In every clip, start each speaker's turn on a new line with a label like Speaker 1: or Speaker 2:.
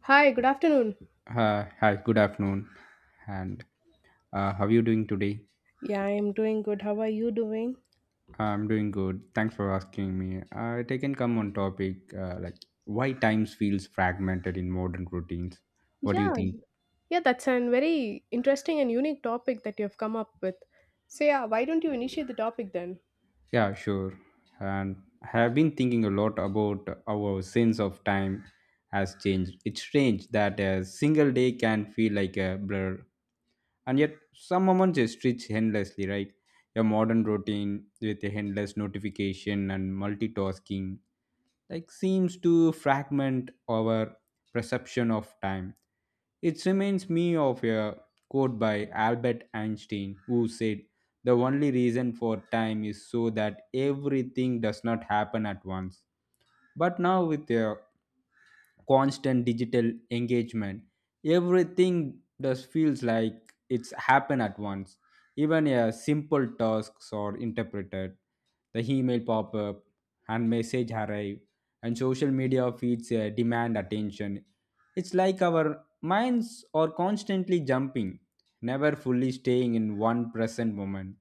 Speaker 1: Hi, good afternoon.
Speaker 2: Hi, good afternoon. And how are you doing today?
Speaker 1: Yeah, I'm doing good. How are you doing?
Speaker 2: I'm doing good. Thanks for asking me. I can come on topic like why times feels fragmented in modern routines. What do you
Speaker 1: Yeah,
Speaker 2: think?
Speaker 1: yeah, that's a very interesting and unique topic that you have come up with. So, yeah, why don't you initiate the topic then?
Speaker 2: Yeah, sure. And I have been thinking a lot about our sense of time has changed. It's strange that a single day can feel like a blur, and yet some moments just stretch endlessly, right? A modern routine with a endless notification and multitasking like seems to fragment our perception of time. It reminds me of a quote by Albert Einstein who said, the only reason for time is so that everything does not happen at once. But now, with a constant digital engagement, everything just feels like it's happen at once. Even a simple tasks are interpreted, the email pop-up and message arrive and social media feeds demand attention. It's like our minds are constantly jumping, never fully staying in one present moment.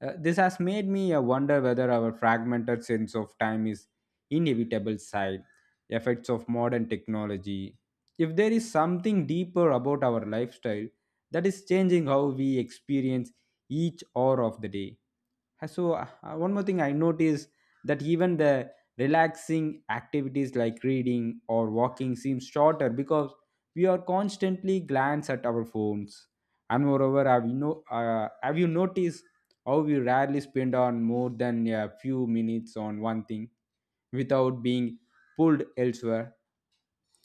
Speaker 2: This has made me wonder whether our fragmented sense of time is inevitable side effects of modern technology. If there is something deeper about our lifestyle that is changing how we experience each hour of the day. So, one more thing I noticed that even the relaxing activities like reading or walking seems shorter because we are constantly glance at our phones. And moreover, have you noticed how we rarely spend on more than a few minutes on one thing without being pulled elsewhere?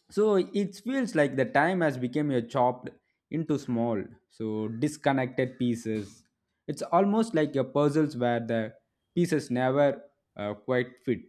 Speaker 2: So it feels like the time has become a chopped into small, so disconnected pieces. It's almost like a puzzles where the pieces never quite fit.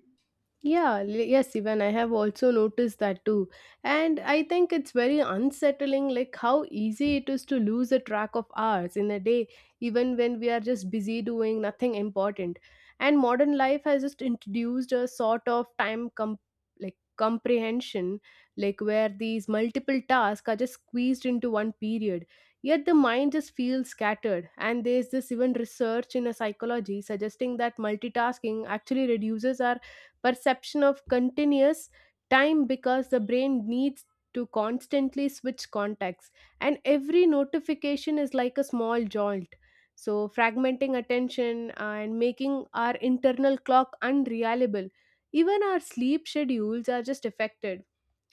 Speaker 1: Yes, even I have also noticed that too. And I think it's very unsettling, like how easy it is to lose a track of hours in a day, even when we are just busy doing nothing important. And modern life has just introduced a sort of time com like comprehension, like where these multiple tasks are just squeezed into one period. Yet the mind just feels scattered. And there's this even research in a psychology suggesting that multitasking actually reduces our perception of continuous time, because the brain needs to constantly switch contacts, and every notification is like a small jolt, so fragmenting attention and making our internal clock unreliable. Even our sleep schedules are just affected,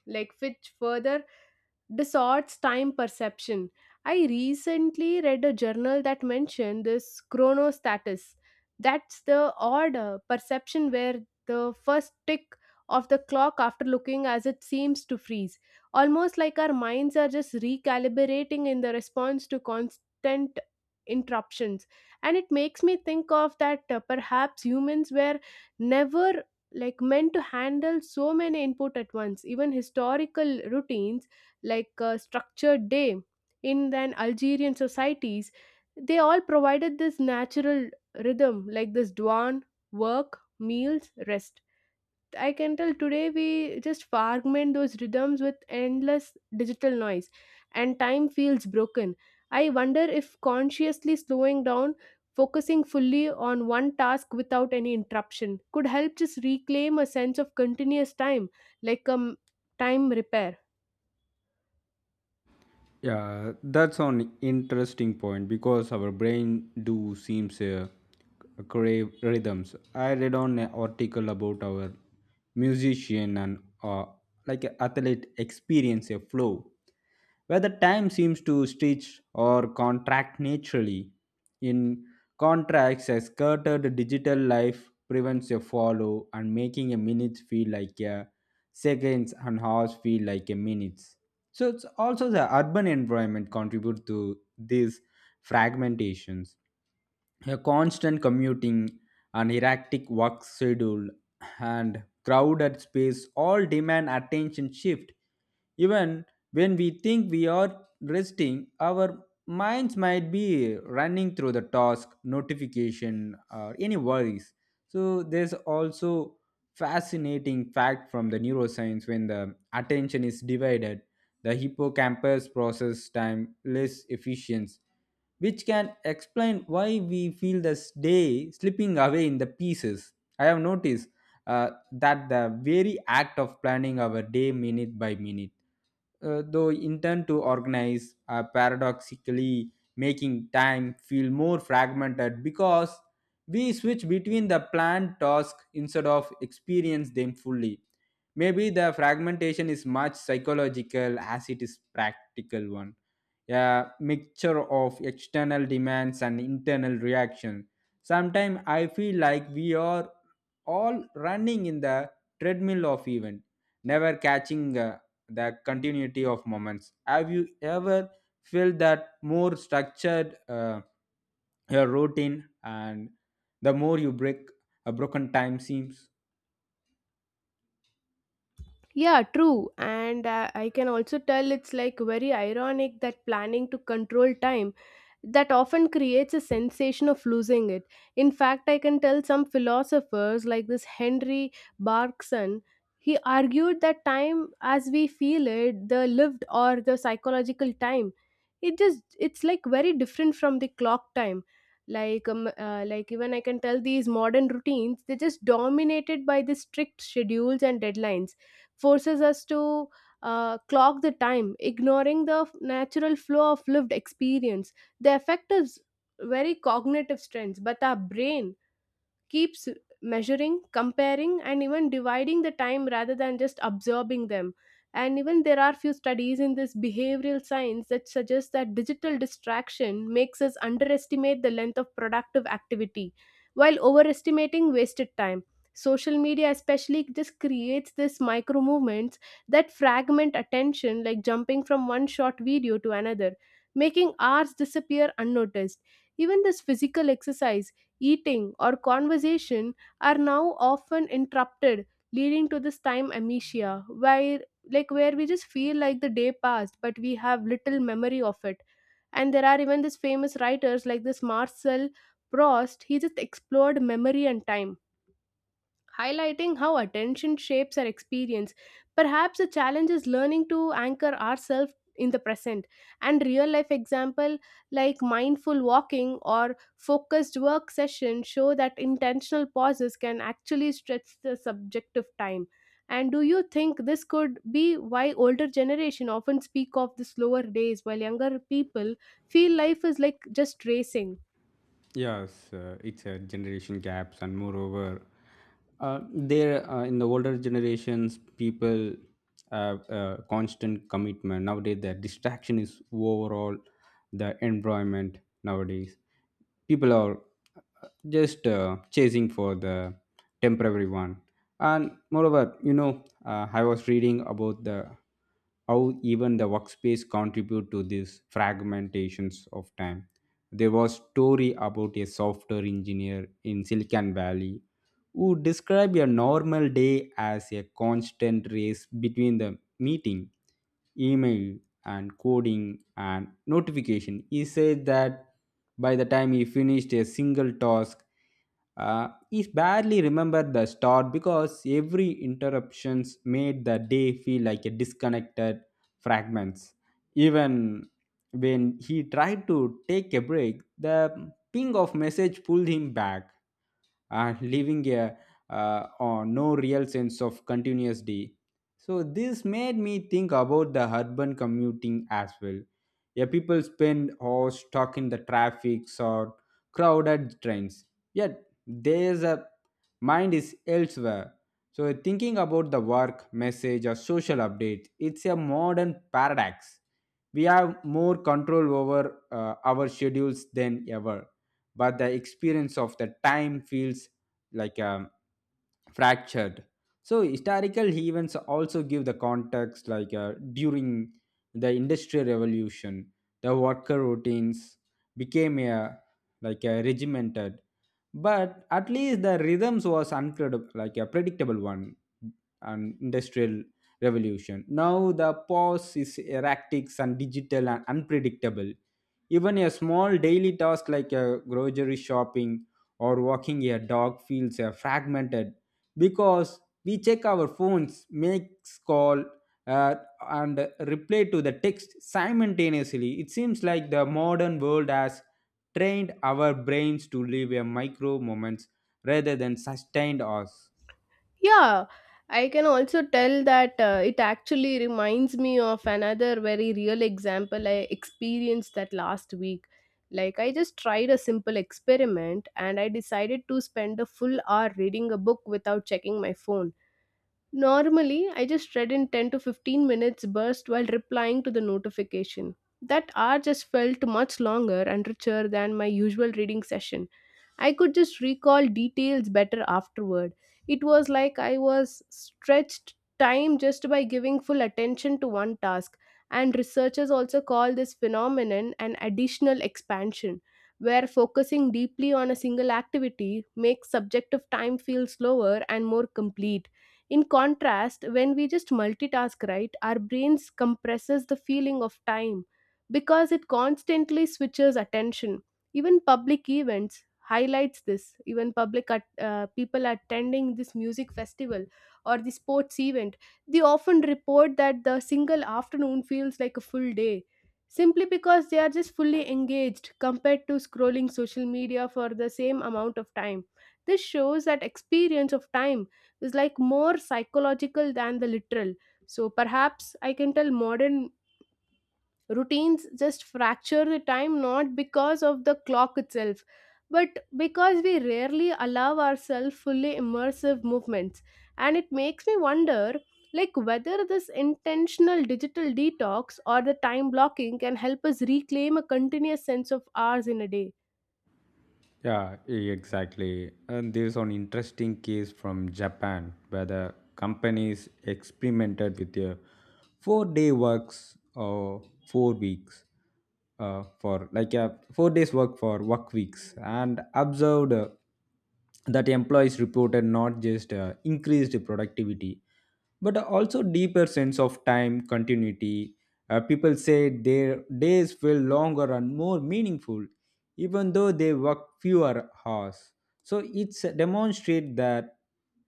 Speaker 1: like, which further distorts time perception. I recently read a journal that mentioned this chronostatus. That's the odd perception where the first tick of the clock after looking as it seems to freeze, almost like our minds are just recalibrating in the response to constant interruptions. And it makes me think of that, perhaps humans were never like meant to handle so many input at once. Even historical routines like a structured day in an Algerian societies, they all provided this natural rhythm, like this dawn, work, meals, rest. I can tell today we just fragment those rhythms with endless digital noise and time feels broken. I wonder if consciously slowing down, focusing fully on one task without any interruption could help just reclaim a sense of continuous time, like a time repair.
Speaker 2: Yeah, that's an interesting point because our brain do seems crave rhythms. I read on an article about our musician and like a athlete experience a flow where the time seems to stretch or contract naturally. In contracts, a scattered digital life prevents a follow and making a minute feel like a seconds and hours feel like a minutes. So it's also the urban environment contribute to these fragmentations. A constant commuting, an erratic work schedule, and crowded space all demand attention shift. Even when we think we are resting, our minds might be running through the task, notification, or any worries. So there's also fascinating fact from the neuroscience when the attention is divided, the hippocampus process time less efficient, which can explain why we feel the day slipping away in the pieces. I have noticed that the very act of planning our day minute by minute, though intent to organize, paradoxically making time feel more fragmented because we switch between the planned tasks instead of experience them fully. Maybe the fragmentation is much psychological as it is practical one, a mixture of external demands and internal reaction. Sometimes I feel like we are all running in the treadmill of event, never catching the continuity of moments. Have you ever felt that more structured your routine and the more you break a broken time seems?
Speaker 1: Yeah, true. And I can also tell it's like very ironic that planning to control time that often creates a sensation of losing it. In fact, I can tell some philosophers like this Henry Bergson. He argued that time as we feel it, the lived or the psychological time, it's like very different from the clock time. Like even I can tell these modern routines, they're just dominated by the strict schedules and deadlines, forces us to clock the time, ignoring the natural flow of lived experience. The effect is very cognitive strength, but our brain keeps measuring, comparing, and even dividing the time rather than just absorbing them. And even there are few studies in this behavioral science that suggest that digital distraction makes us underestimate the length of productive activity while overestimating wasted time. Social media, especially, just creates this micro movements that fragment attention, like jumping from one short video to another, making hours disappear unnoticed. Even this physical exercise, eating, or conversation are now often interrupted, leading to this time amnesia, where, like, where we just feel like the day passed, but we have little memory of it. And there are even these famous writers like this Marcel Proust. He just explored memory and time, highlighting how attention shapes our experience. Perhaps the challenge is learning to anchor ourselves in the present, and real life example like mindful walking or focused work session show that intentional pauses can actually stretch the subjective time. And do you think this could be why older generation often speak of the slower days while younger people feel life is like just racing?
Speaker 2: Yes, it's a generation gaps, and moreover, there in the older generations, people have a constant commitment. Nowadays, the distraction is overall the environment. Nowadays, people are just chasing for the temporary one, and moreover, you know, I was reading about the how even the workspace contribute to these fragmentations of time. There was story about a software engineer in Silicon Valley who described a normal day as a constant race between the meeting, email, and coding and notification. He said that by the time he finished a single task, he barely remembered the start because every interruptions made the day feel like a disconnected fragments. Even when he tried to take a break, the ping of message pulled him back and leaving a or no real sense of continuity. So this made me think about the urban commuting as well. Yeah, people spend hours stuck in the traffic or crowded trains. Yet there's a mind is elsewhere. So thinking about the work, message, or social updates, it's a modern paradox. We have more control over our schedules than ever, but the experience of the time feels like fractured. So historical events also give the context like during the industrial revolution, the worker routines became a like a regimented, but at least the rhythms was uncredible like a predictable one. An industrial revolution, now the pause is erratic and digital and unpredictable. Even a small daily task like a grocery shopping or walking a dog feels fragmented because we check our phones, make call, uh, and reply to the text simultaneously. It seems like the modern world has trained our brains to live a micro moments rather than sustained us.
Speaker 1: Yeah, I can also tell that, it actually reminds me of another very real example I experienced that last week. Like, I just tried a simple experiment and I decided to spend a full hour reading a book without checking my phone. Normally, I just read in 10 to 15 minutes burst while replying to the notification. That hour just felt much longer and richer than my usual reading session. I could just recall details better afterward. It was like I was stretched time just by giving full attention to one task, and researchers also call this phenomenon an additional expansion, where focusing deeply on a single activity makes subjective time feel slower and more complete. In contrast, when we just multitask, right, our brains compresses the feeling of time because it constantly switches attention. Even public events highlights this. Even public people attending this music festival or the sports event, they often report that the single afternoon feels like a full day simply because they are just fully engaged compared to scrolling social media for the same amount of time. This shows that experience of time is like more psychological than the literal. So perhaps I can tell modern routines just fracture the time not because of the clock itself, but because we rarely allow ourselves fully immersive movements. And it makes me wonder, like, whether this intentional digital detox or the time blocking can help us reclaim a continuous sense of ours in a day.
Speaker 2: Yeah, exactly. And there's an interesting case from Japan where the companies experimented with a four-day works or 4 weeks, for like a 4 days work for work weeks and observed that employees reported not just increased productivity but also deeper sense of time continuity. People say their days feel longer and more meaningful even though they work fewer hours. So it's demonstrate that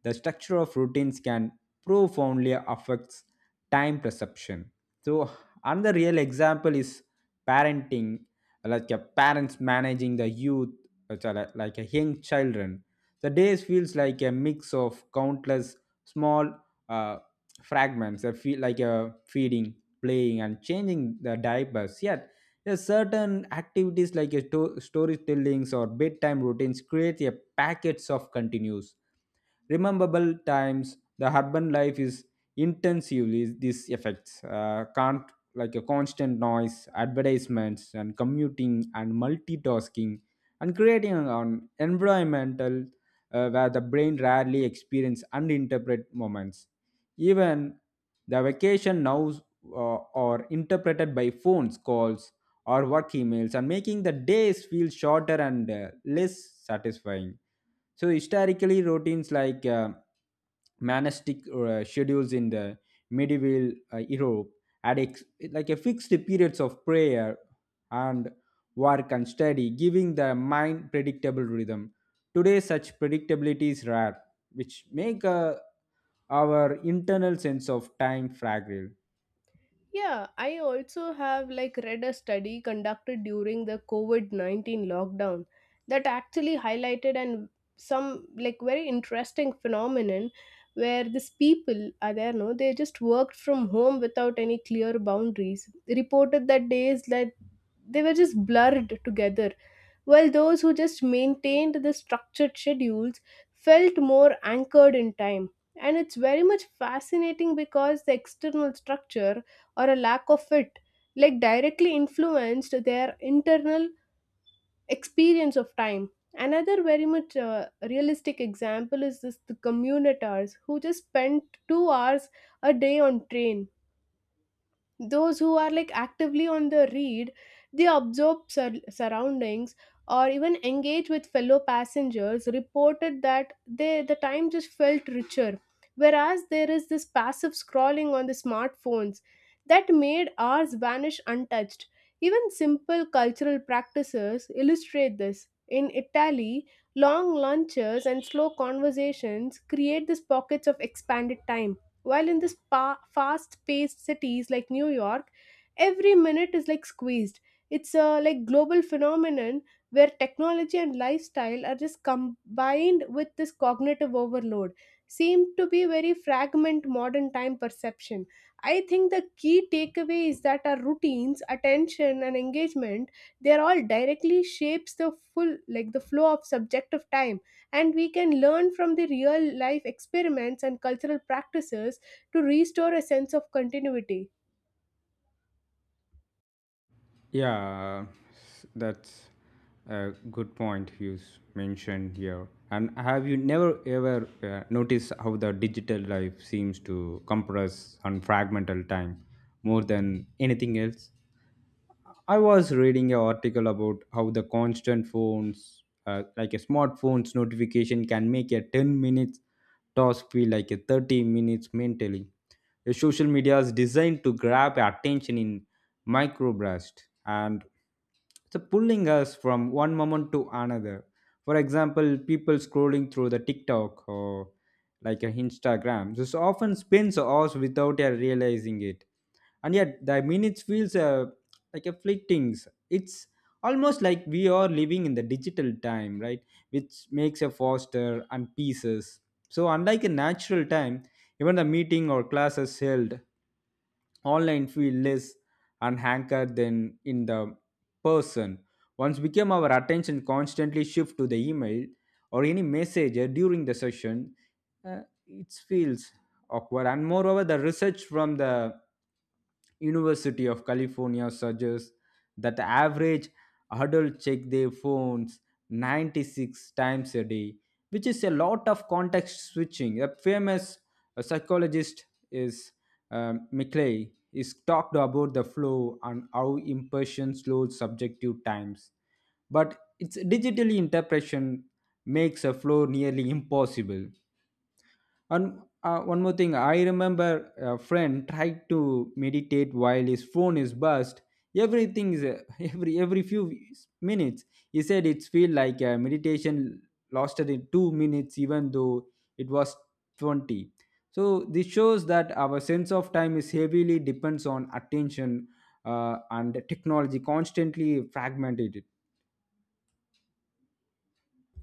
Speaker 2: the structure of routines can profoundly affects time perception. So another real example is parenting, like a parents managing the youth, like a young children. The days feels like a mix of countless small uh, fragments. I feel like a feeding, playing, and changing the diapers. Yet yes, certain activities like a storytellings or bedtime routines create a packets of continues. Rememberable times, the urban life is intensively these effects. Can't like a constant noise, advertisements, and commuting and multitasking, and creating an environmental where the brain rarely experience uninterpreted moments. Even the vacation now are interpreted by phones calls or work emails and making the days feel shorter and less satisfying. So historically, routines like monastic schedules in the medieval Europe had like a fixed periods of prayer and work and study, giving the mind predictable rhythm. Today, such predictability is rare, which make our internal sense of time fragile.
Speaker 1: Yeah, I also have like read a study conducted during the COVID-19 lockdown that actually highlighted and some like very interesting phenomenon where these people are there, no, they just worked from home without any clear boundaries. They reported that days that they were just blurred together, while those who just maintained the structured schedules felt more anchored in time. And it's very much fascinating because the external structure, or a lack of it, like directly influenced their internal experience of time. Another very much realistic example is this the commuters who just spend 2 hours a day on train. Those who are like actively on the read, they observe surroundings or even engage with fellow passengers reported that they the time just felt richer, whereas there is this passive scrolling on the smartphones that made ours vanish untouched. Even simple cultural practices illustrate this. In Italy, long lunches and slow conversations create these pockets of expanded time, while in this fast-paced cities like New York, every minute is like squeezed. It's a like global phenomenon where technology and lifestyle are just combined with this cognitive overload. Seem to be very fragment modern time perception. I think the key takeaway is that our routines, attention, and engagement, they are all directly shapes the full, like the flow of subjective time, and we can learn from the real life experiments and cultural practices to restore a sense of continuity.
Speaker 2: Yeah, that's a good point you mentioned here. And have you never ever noticed how the digital life seems to compress and fragmental time more than anything else? I was reading an article about how the constant phones, like a smartphone's notification, can make a 10 minutes task feel like a 30 minutes mentally. The social media is designed to grab attention in microburst, and so pulling us from one moment to another. For example, people scrolling through the TikTok or like a Instagram this often spends hours without realizing it, and yet the minutes feels like a flittings. It's almost like we are living in the digital time, right, which makes a faster and pieces, so unlike a natural time. Even the meeting or classes held online feel less unhankered than in the person. Once became our attention constantly shift to the email or any messenger during the session, uh, it feels awkward. And moreover, the research from the University of California suggests that the average adult check their phones 96 times a day, which is a lot of context switching. A famous psychologist is McClay is talked about the flow and how impression slows subjective times, but its digital interpretation makes a flow nearly impossible. And one more thing, I remember a friend tried to meditate while his phone is buzzed. Everything is every few minutes. He said it feel like meditation lasted in 2 minutes, even though it was 20. So this shows that our sense of time is heavily depends on attention, and technology constantly fragmented.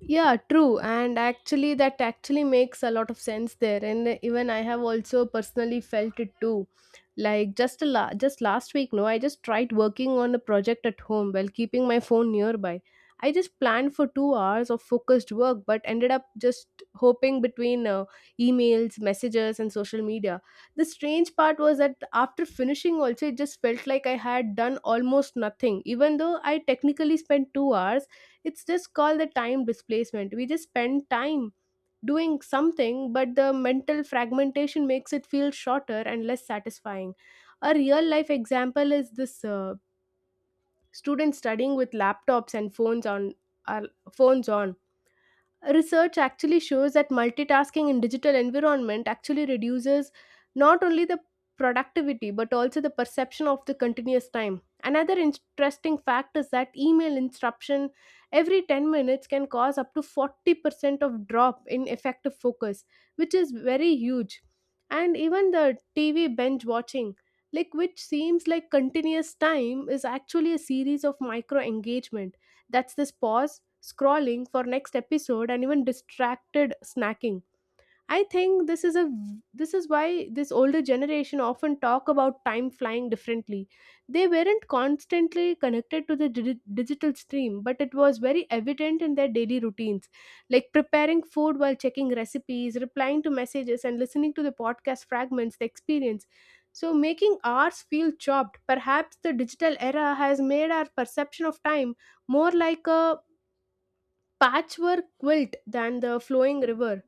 Speaker 1: Yeah, true. And actually, that actually makes a lot of sense there. And even I have also personally felt it too. Like just a just last week, no, I just tried working on a project at home while keeping my phone nearby. I just planned for 2 hours of focused work, but ended up just hopping between emails, messages, and social media. The strange part was that after finishing, also, it just felt like I had done almost nothing, even though I technically spent 2 hours. It's just called the time displacement. We just spend time doing something, but the mental fragmentation makes it feel shorter and less satisfying. A real life example is this student studying with laptops and phones on. Our phones on. Research actually shows that multitasking in digital environment actually reduces not only the productivity but also the perception of the continuous time. Another interesting fact is that email interruption every 10 minutes can cause up to 40% of drop in effective focus, which is very huge. And even the TV binge watching, like, which seems like continuous time is actually a series of micro engagement, that's this pause scrolling for next episode and even distracted snacking. I think this is why this older generation often talk about time flying differently. They weren't constantly connected to the digital stream, but it was very evident in their daily routines, like preparing food while checking recipes, replying to messages and listening to the podcast fragments they experience. So making ours feel chopped. Perhaps the digital era has made our perception of time more like a patchwork quilt than the flowing river.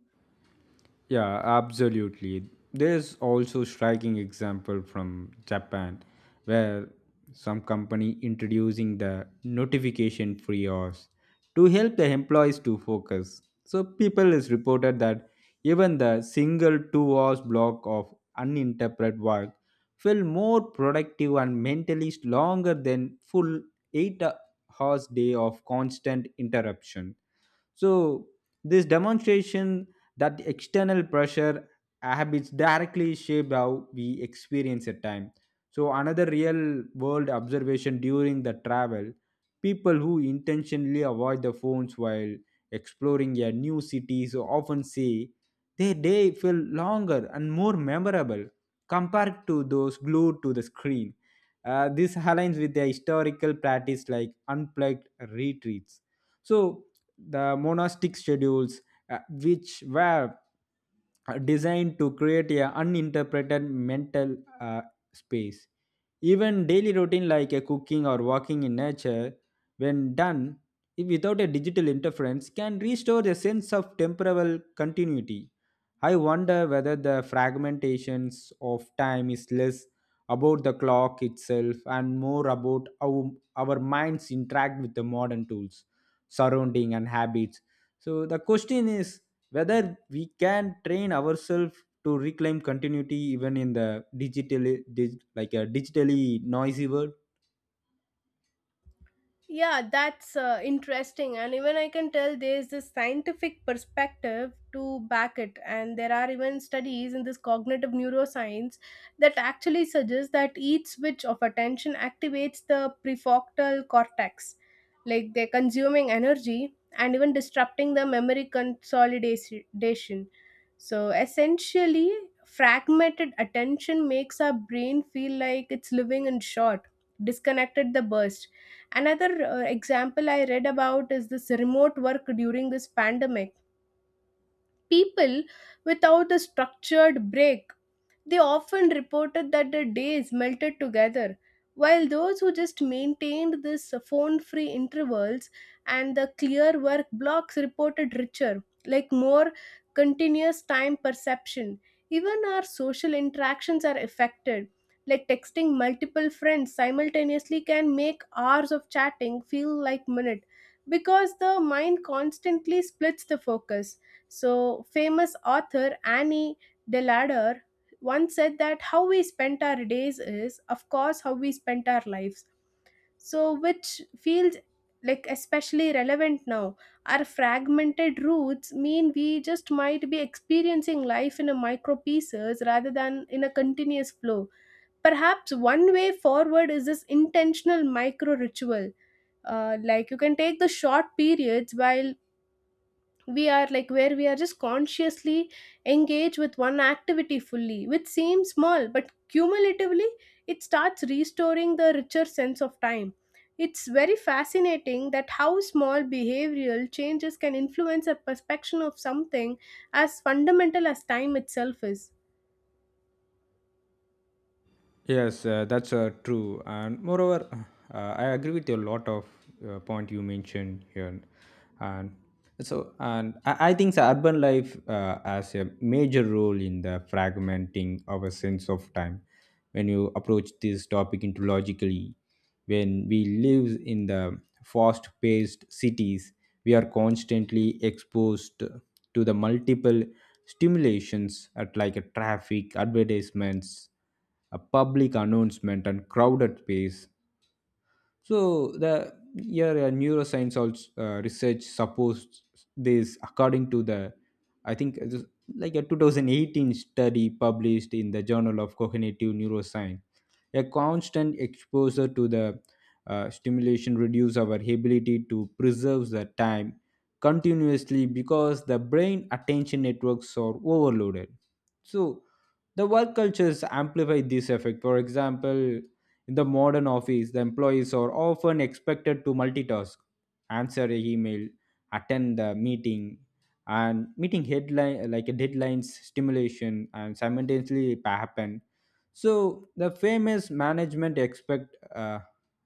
Speaker 2: Yeah, absolutely. There's also striking example from Japan where some company introducing the notification free hours to help the employees to focus. So people is reported that even the single 2 hours block of uninterrupted work feel more productive and mentally longer than full 8 hours day of constant interruption. So this demonstration that the external pressure habits directly shape how we experience a time. So another real world observation during the travel, people who intentionally avoid the phones while exploring a new cities often say their day feel longer and more memorable compared to those glued to the screen. This aligns with the historical practice like unplugged retreats. So the monastic schedules which were designed to create a uninterpreted mental space. Even daily routine like a cooking or walking in nature, when done if without a digital interference, can restore a sense of temporal continuity. I wonder whether the fragmentations of time is less about the clock itself and more about how our minds interact with the modern tools, surrounding and habits. So the question is whether we can train ourselves to reclaim continuity even in the digital dig, like a digitally noisy world.
Speaker 1: Yeah, that's interesting. And even I can tell there's this scientific perspective to back it. And there are even studies in this cognitive neuroscience that actually suggest that each switch of attention activates the prefrontal cortex. Like they're consuming energy and even disrupting the memory consolidation. So essentially, fragmented attention makes our brain feel like it's living in short, disconnected the burst. Another example I read about is this remote work during this pandemic. People without a structured break, they often reported that their days melted together, while those who just maintained this phone free intervals and the clear work blocks reported richer, like more continuous time perception. Even our social interactions are affected. Like texting multiple friends simultaneously can make hours of chatting feel like minutes because the mind constantly splits the focus. So, famous author Annie Delader one said that how we spent our days is, of course, how we spent our lives. So, which feels like especially relevant now. Our fragmented roots mean we just might be experiencing life in a micro pieces rather than in a continuous flow. Perhaps one way forward is this intentional micro ritual. Like you can take the short periods while we are like where we are just consciously engaged with one activity fully, which seems small but cumulatively it starts restoring the richer sense of time. It's very fascinating that how small behavioral changes can influence a perception of something as fundamental as time itself is.
Speaker 2: Yes, that's true. And moreover, I agree with a lot of point you mentioned here. And I think the urban life has a major role in the fragmenting our sense of time. When you approach this topic into logically, when we live in the fast-paced cities, we are constantly exposed to the multiple stimulations at like a traffic, advertisements, a public announcement and crowded space. So the your neuroscience also research supports this. According to the, I think it is like a 2018 study published in the Journal of Cognitive Neuroscience, a constant exposure to the stimulation reduces our ability to preserve the time continuously because the brain attention networks are overloaded. So the work cultures amplify this effect. For example, in the modern office, the employees are often expected to multitask, answer a email, attend the meeting, and meeting headline like a deadlines, stimulation, and simultaneously it happen. So the famous management expert uh,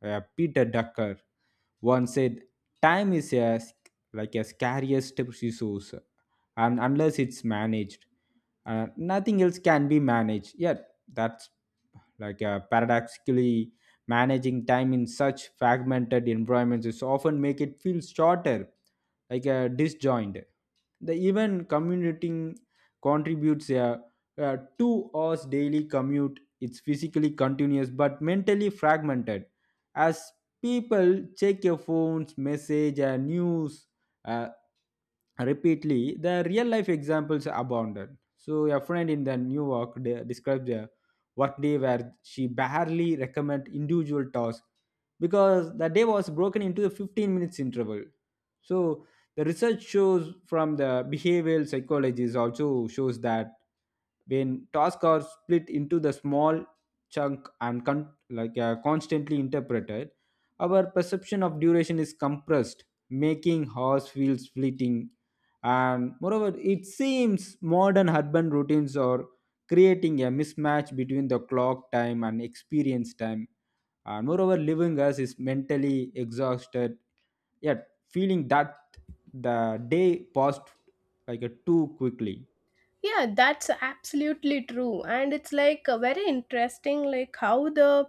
Speaker 2: uh, Peter Ducker once said, "Time is a scariest resource, and unless it's managed, nothing else can be managed." Yeah, that's like paradoxically managing time in such fragmented environments is often make it feel shorter, like disjoint. The even commuting contributes a 2 hours daily commute. It's physically continuous but mentally fragmented as people check your phones message, news, uh, repeatedly. The real life examples abounded. So, a friend in the New York described a workday where she barely recommended individual tasks because the day was broken into a 15 minutes interval. So, the research shows from the behavioral psychologists also shows that when tasks are split into the small chunk and constantly interpreted, our perception of duration is compressed, making hours feels fleeting. And moreover, it seems modern urban routines are creating a mismatch between the clock time and experience time. And moreover, living us is mentally exhausted, yet feeling that the day passed like a too quickly.
Speaker 1: Yeah, that's absolutely true, and it's like very interesting like how the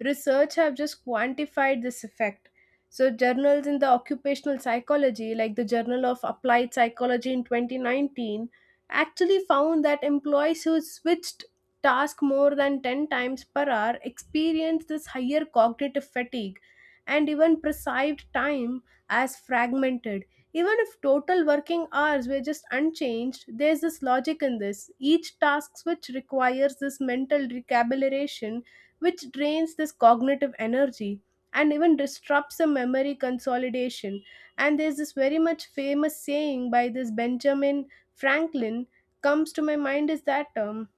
Speaker 1: research have just quantified this effect. So journals in the occupational psychology like the journal of applied psychology in 2019 actually found that employees who switched task more than 10 times per hour experienced this higher cognitive fatigue and even perceived time as fragmented, even if total working hours were just unchanged. There's this logic in this. Each task switch requires this mental recalibration, which drains this cognitive energy and even disrupts the memory consolidation. And there's this very much famous saying by this Benjamin Franklin comes to my mind is that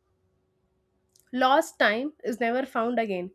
Speaker 1: lost time is never found again.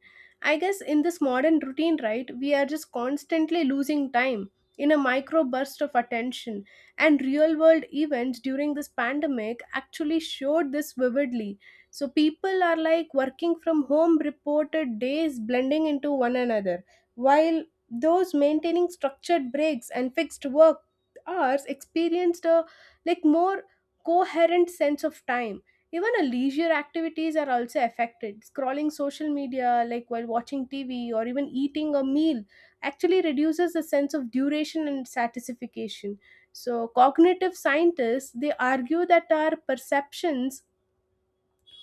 Speaker 1: I guess in this modern routine, right, we are just constantly losing time in a micro burst of attention. And real world events during this pandemic actually showed this vividly. So people are like working from home reported days blending into one another, while those maintaining structured breaks and fixed work hours experienced a like more coherent sense of time. Even our leisure activities are also affected. Scrolling social media, like while watching TV or even eating a meal, actually reduces the sense of duration and satisfaction. So, cognitive scientists they argue that our perceptions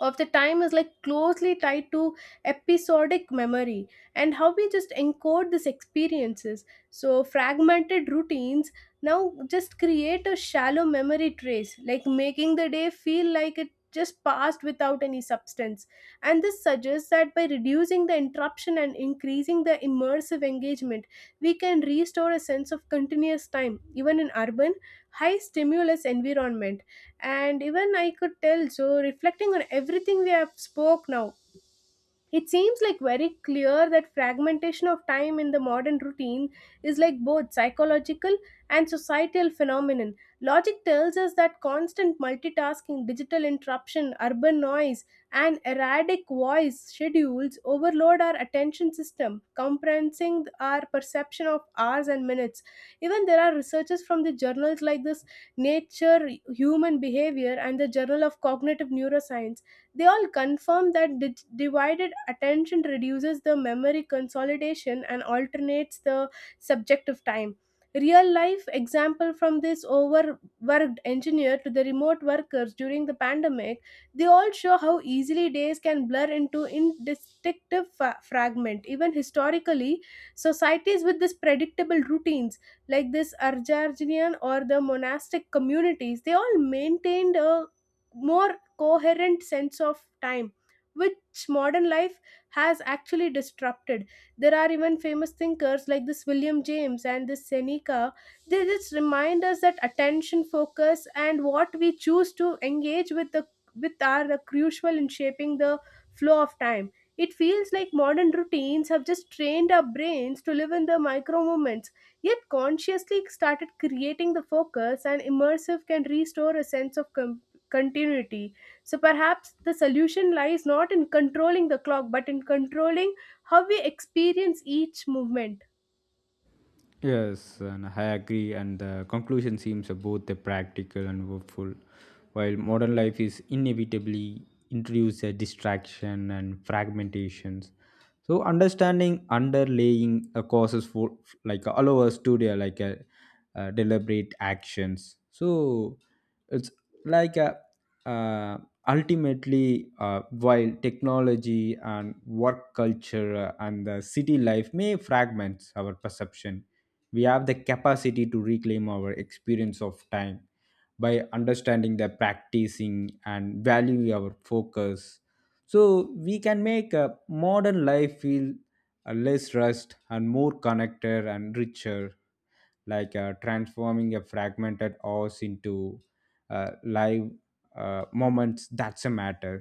Speaker 1: of the time is like closely tied to episodic memory and how we just encode these experiences. So fragmented routines now just create a shallow memory trace, like making the day feel like it just passed without any substance. And this suggests that by reducing the interruption and increasing the immersive engagement, we can restore a sense of continuous time even in urban high stimulus environment. And even I could tell, so reflecting on everything we have spoke now, it seems like very clear that fragmentation of time in the modern routine is like both psychological and societal phenomenon. Logic tells us that constant multitasking, digital interruption, urban noise, and erratic voice schedules overload our attention system, compressing our perception of hours and minutes. Even there are researchers from the journals like this Nature Human Behavior and the Journal of Cognitive Neuroscience, they all confirm that divided attention reduces the memory consolidation and alternates the subjective time. Real life example from this overworked engineer to the remote workers during the pandemic, they all show how easily days can blur into indistinctive fragment. Even historically, societies with this predictable routines like this Arjarjinian or the monastic communities, they all maintained a more coherent sense of time, which modern life has actually disrupted. There are even famous thinkers like this William James and this Seneca, they just remind us that attention focus and what we choose to engage with the with are the crucial in shaping the flow of time. It feels like modern routines have just trained our brains to live in the micro moments, yet consciously started creating the focus and immersive can restore a sense of continuity. So perhaps the solution lies not in controlling the clock but in controlling how we experience each movement.
Speaker 2: Yes, and I agree. And the conclusion seems both practical and hopeful. While modern life is inevitably introduced a distraction and fragmentations, so understanding underlying causes for like allow us to do like deliberate actions. So it's like a uh, ultimately, while technology and work culture and the city life may fragment our perception, we have the capacity to reclaim our experience of time by understanding the practicing and value our focus. So we can make a modern life feel less rushed and more connected and richer, like transforming a fragmented house into a live moments that's a matter.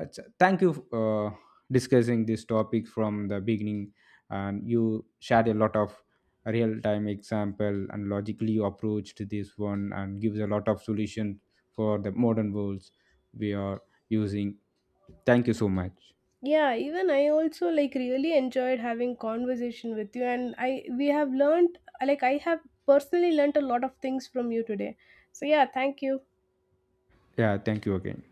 Speaker 2: So thank you, uh, discussing this topic from the beginning, and you shared a lot of real time example and logically you approached this one and gives a lot of solution for the modern worlds we are using. Thank you so much.
Speaker 1: Yeah, even I also like really enjoyed having conversation with you, and I we have learned, like I have personally learned a lot of things from you today. So yeah, thank you.
Speaker 2: Yeah, thank you again.